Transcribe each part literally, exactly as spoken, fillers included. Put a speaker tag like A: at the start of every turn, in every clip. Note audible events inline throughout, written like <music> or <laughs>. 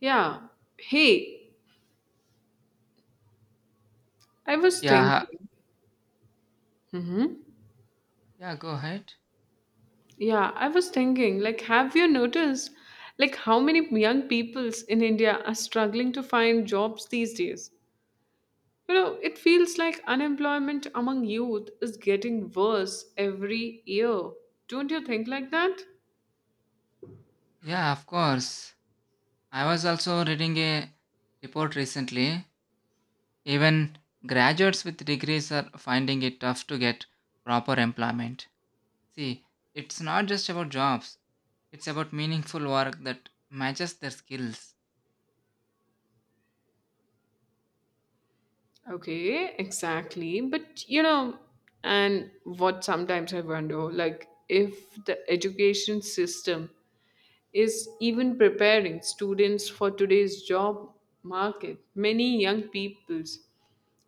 A: Yeah. Hey, I was
B: Yeah,
A: thinking. Mhm.
B: yeah, go ahead.
A: Yeah, I was thinking, like, have you noticed, like, how many young peoples in India are struggling to find jobs these days? You know, it feels like unemployment among youth is getting worse every year. Don't you think like that?
B: Yeah, of course. I was also reading a report recently. Even graduates with degrees are finding it tough to get proper employment. See, it's not just about jobs, it's about meaningful work that matches their skills.
A: Okay, exactly. But, you know, and what sometimes I wonder, like, if the education system is even preparing students for today's job market. Many young peoples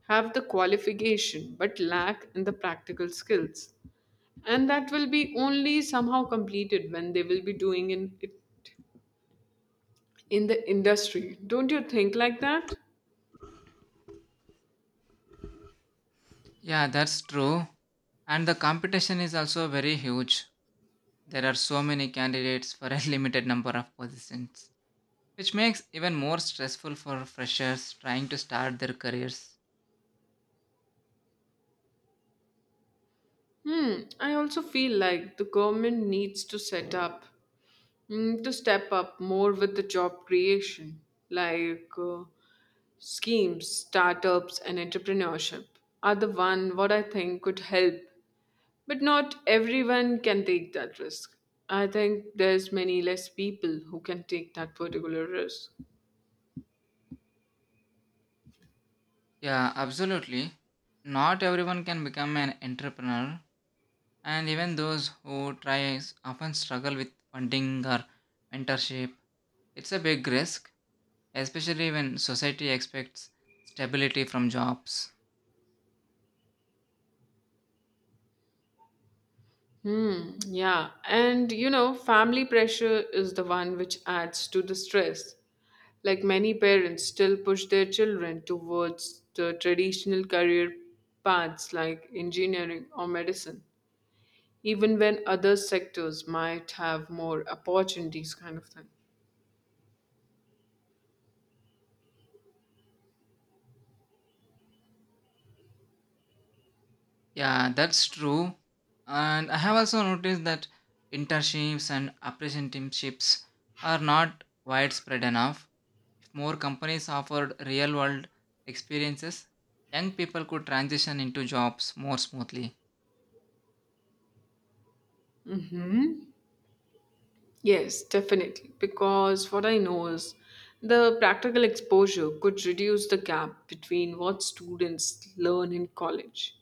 A: have the qualification but lack in the practical skills. And that will be only somehow completed when they will be doing in, it in the industry. Don't you think like that?
B: Yeah, that's true. And the competition is also very huge. There are so many candidates for a <laughs> limited number of positions, which makes even more stressful for freshers trying to start their careers.
A: Hmm, I also feel like the government needs to set up mm, to step up more with the job creation, like uh, schemes, startups, and entrepreneurship are the one what I think could help. But not everyone can take that risk. I think there's many less people who can take that particular risk.
B: Yeah, absolutely. Not everyone can become an entrepreneur, and even those who try often struggle with funding or mentorship. It's a big risk, especially when society expects stability from jobs.
A: Hmm, yeah. And you know, family pressure is the one which adds to the stress. Like many parents still push their children towards the traditional career paths like engineering or medicine, even when other sectors might have more opportunities, kind of thing.
B: Yeah, that's true. And I have also noticed that internships and apprenticeships are not widespread enough. If more companies offered real world experiences, young people could transition into jobs more smoothly.
A: Yes, definitely. Because what I know is the practical exposure could reduce the gap between what students learn in college,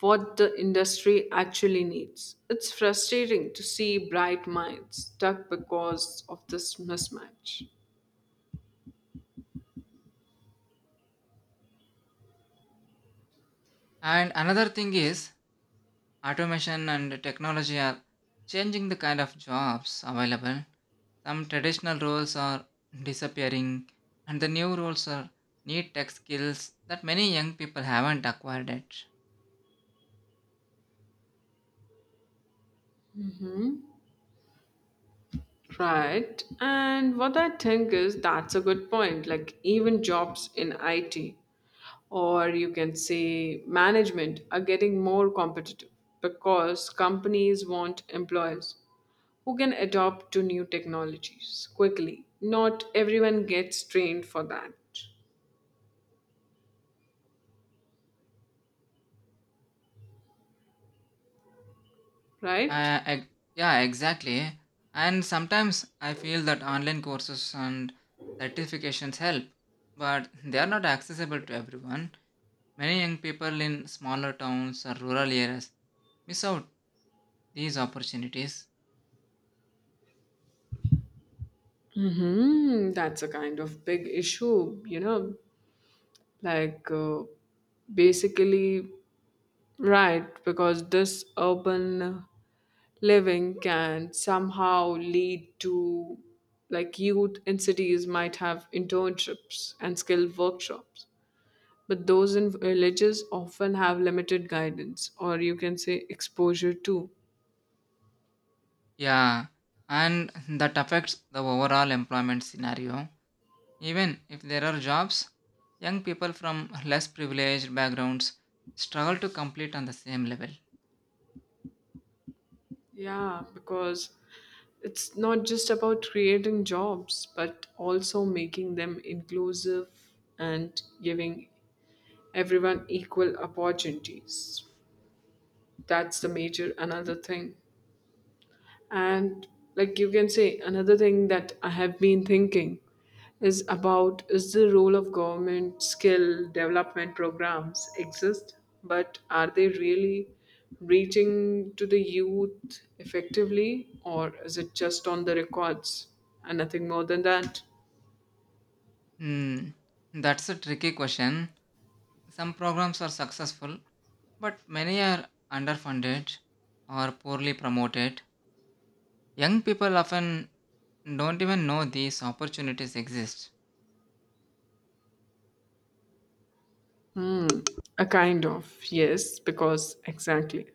A: what the industry actually needs. It's frustrating to see bright minds stuck because of this mismatch.
B: And another thing is automation and technology are changing the kind of jobs available. Some traditional roles are disappearing and the new roles are need tech skills that many young people haven't acquired yet.
A: Right. And what I think is that's a good point. Like, even jobs in I T or you can say management are getting more competitive because companies want employees who can adopt to new technologies quickly. Not everyone gets trained for that, right?
B: Uh, ex- yeah, exactly. And sometimes I feel that online courses and certifications help, but they are not accessible to everyone. Many young people in smaller towns or rural areas miss out these opportunities.
A: Mm-hmm. That's a kind of big issue, you know, like uh, basically. Right, because this urban living can somehow lead to, like, youth in cities might have internships and skill workshops, but those in villages often have limited guidance or you can say exposure too.
B: Yeah, and that affects the overall employment scenario. Even if there are jobs, young people from less privileged backgrounds struggle to complete on the same level.
A: Yeah, because it's not just about creating jobs, but also making them inclusive and giving everyone equal opportunities. That's the major another thing, and like you can say another thing that I have been thinking is about is the role of government skill development programs exist, but are they really reaching to the youth effectively, or is it just on the records and nothing more than that?
B: Hmm, that's a tricky question. Some programs are successful, but many are underfunded or poorly promoted. Young people often don't even know these opportunities exist.
A: Hmm, a kind of, yes, because exactly.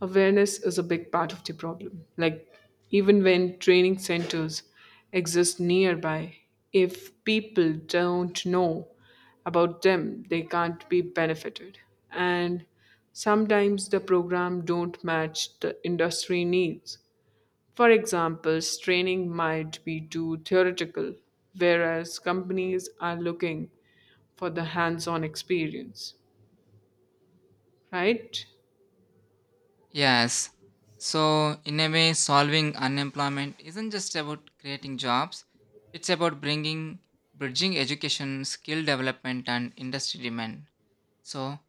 A: Awareness is a big part of the problem. Like, even when training centers exist nearby, if people don't know about them, they can't be benefited. And sometimes the program don't match the industry needs. For example, training might be too theoretical, whereas companies are looking for the hands on experience, right?
B: Yes. So, in a way, solving unemployment isn't just about creating jobs, it's about bringing, bridging education, skill development, and industry demand. So,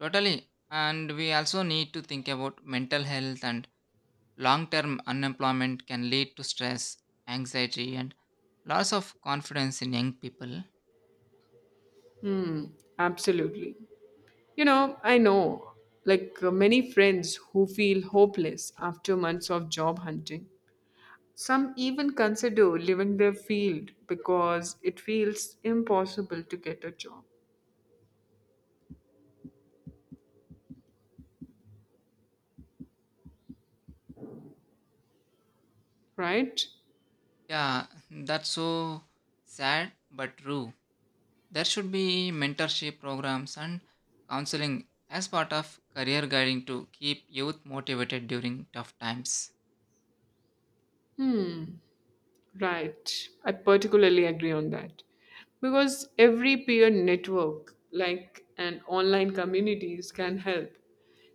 B: totally. And we also need to think about mental health and long term unemployment can lead to stress, anxiety, and loss of confidence in young people.
A: Hmm, absolutely. You know, I know like uh, many friends who feel hopeless after months of job hunting. Some even consider leaving their field because it feels impossible to get a job, right?
B: Yeah, that's so sad but true. There should be mentorship programs and counseling as part of career guiding to keep youth motivated during tough times.
A: Right. I particularly agree on that. Because every peer network, like an online communities, can help.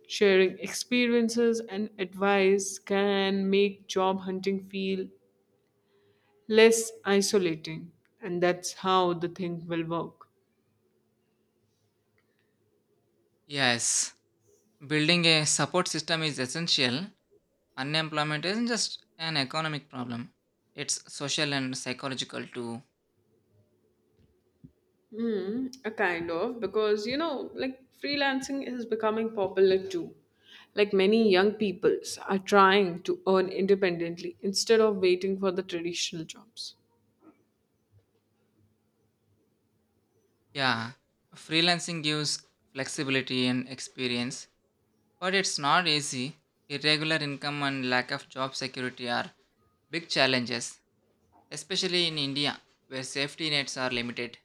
A: Sharing experiences and advice can make job hunting feel less isolating. And that's how the thing will work.
B: Yes, building a support system is essential. Unemployment isn't just an economic problem, it's social and psychological too.
A: Hmm, a kind of, because you know, like, freelancing is becoming popular too. Like many young peoples are trying to earn independently instead of waiting for the traditional jobs.
B: Yeah, freelancing gives flexibility and experience, but it's not easy. Irregular income and lack of job security are big challenges, especially in India, where safety nets are limited.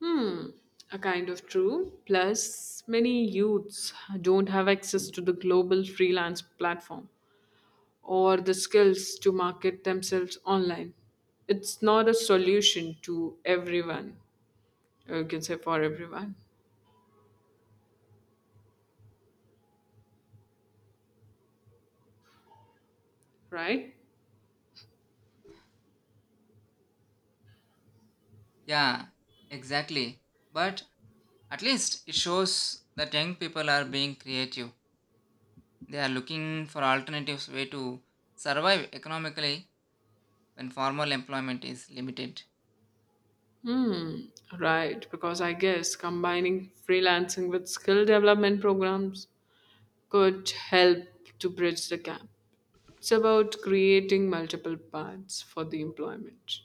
A: Hmm, a kind of true. Plus, many youths don't have access to the global freelance platform or the skills to market themselves online. It's not a solution to everyone, or you can say for everyone, right?
B: Yeah, exactly. But at least it shows that young people are being creative. They are looking for alternatives way to survive economically when formal employment is limited.
A: Hmm, right, because I guess combining freelancing with skill development programs could help to bridge the gap. It's about creating multiple paths for the employment.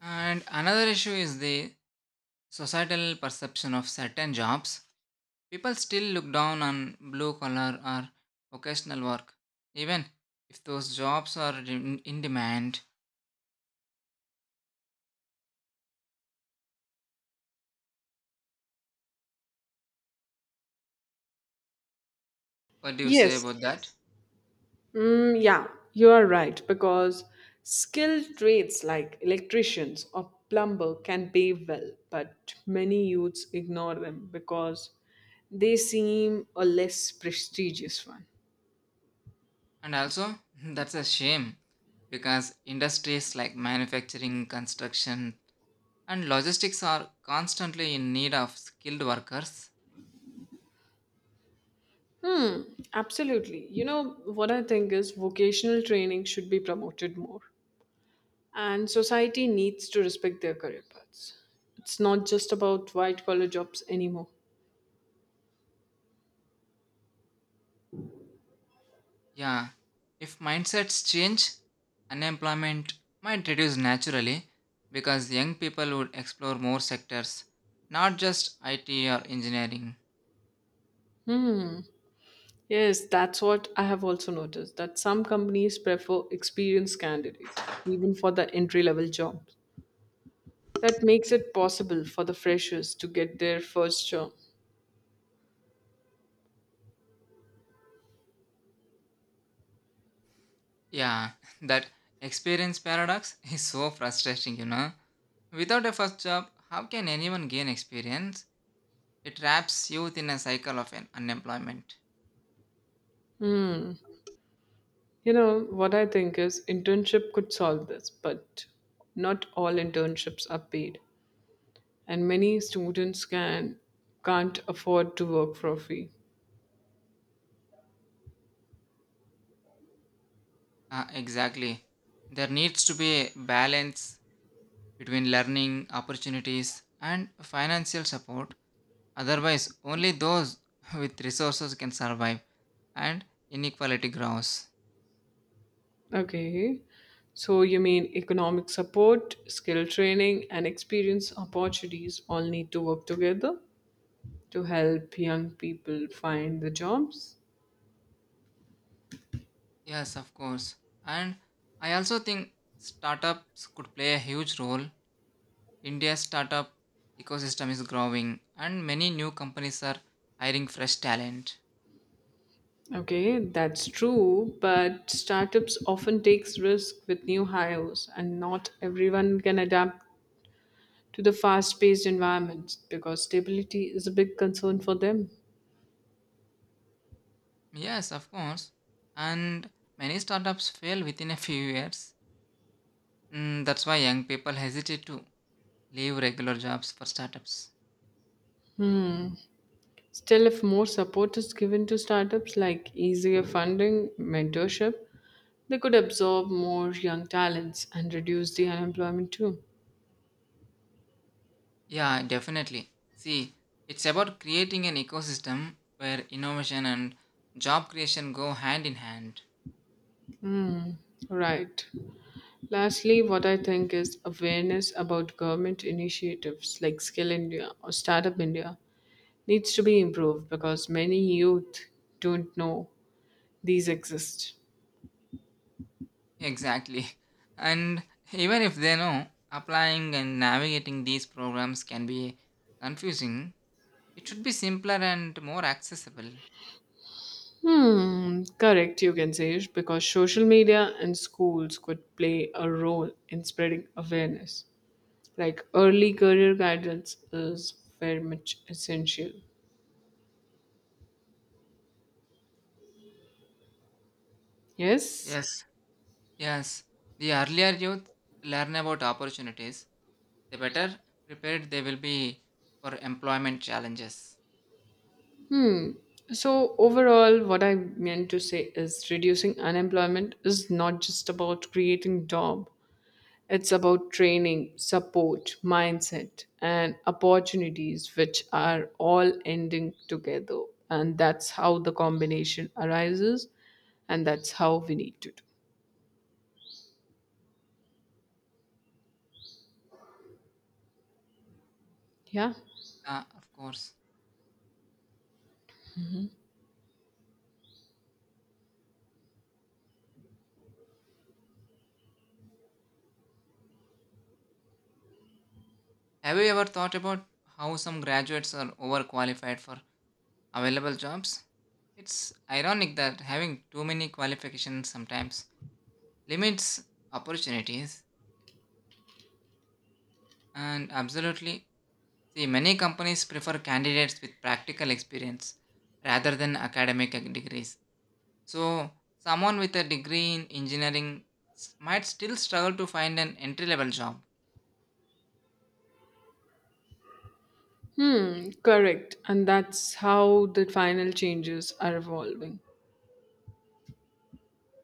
B: And another issue is the societal perception of certain jobs. People still look down on blue collar or occasional work, even if those jobs are in in demand. What do you say
A: Yes.
B: about that?
A: Mm, yeah, you are right because skilled trades like electricians or plumber can pay well, but many youths ignore them because they seem a less prestigious one.
B: And also, <laughs> that's a shame because industries like manufacturing, construction, and logistics are constantly in need of skilled workers.
A: Hmm, absolutely. You know, what I think is vocational training should be promoted more, and society needs to respect their career paths. It's not just about white collar jobs anymore.
B: Yeah, if mindsets change, unemployment might reduce naturally because young people would explore more sectors, not just I T or engineering.
A: Hmm, yes, that's what I have also noticed that some companies prefer experienced candidate even for the entry level jobs. That makes it possible for the freshers to get their first job.
B: Yeah, <laughs> that experience paradox <laughs> is so frustrating, you know. Without a first job, how can anyone gain experience? It traps youth in a cycle of un- unemployment.
A: You know, what I think is internship could solve this, but not all internships are paid. And many students can can't afford to work for free.
B: Ah, exactly. There needs to be a balance between learning opportunities and financial support. Otherwise, only those <laughs> with resources can survive and inequality grows.
A: Okay, so you mean economic support, skill training, and experience opportunities all need to work together to help young people find the jobs.
B: Yes, of course. And I also think startups could play a huge role. India's startup ecosystem is growing and many new companies are hiring fresh talent.
A: Okay, that's true, but startups often takes risk with new hires and not everyone can adapt to the fast paced environments because stability is a big concern for them.
B: Yes, of course. And many startups fail within a few years. Mm, that's why young people hesitate to leave regular jobs for startups.
A: Still, if more support is given to startups like easier funding, mentorship, they could absorb more young talents and reduce the unemployment too.
B: Yeah, definitely. See, it's about creating an ecosystem where innovation and job creation go hand in hand.
A: Mm, right. Lastly, what I think is awareness about government initiatives like Skill India or Startup India needs to be improved because many youth don't know these exist.
B: Exactly. <laughs> And even if they know, applying and navigating these programs can be confusing. It should be simpler and more accessible.
A: Hmm, correct, you can say, because social media and schools could play a role in spreading awareness. Like early career guidance is very much essential. Yes.
B: Yes. Yes, the earlier youth learn about opportunities, the better prepared they will be for employment challenges.
A: So, overall, what I meant to say is reducing unemployment is not just about creating job. It's about training, support, mindset, and opportunities, which are all ending together. And that's how the combination arises, and that's how we need to do. Yeah.
B: Ah, of course. Have you ever thought about how some graduates are overqualified for available jobs? It's ironic that having too many qualifications sometimes limits opportunities, and absolutely. See, many companies prefer candidates with practical experience rather than academic degrees. So, someone with a degree in engineering s- might still struggle to find an entry level job.
A: Hmm, correct. And that's how the final changes are evolving.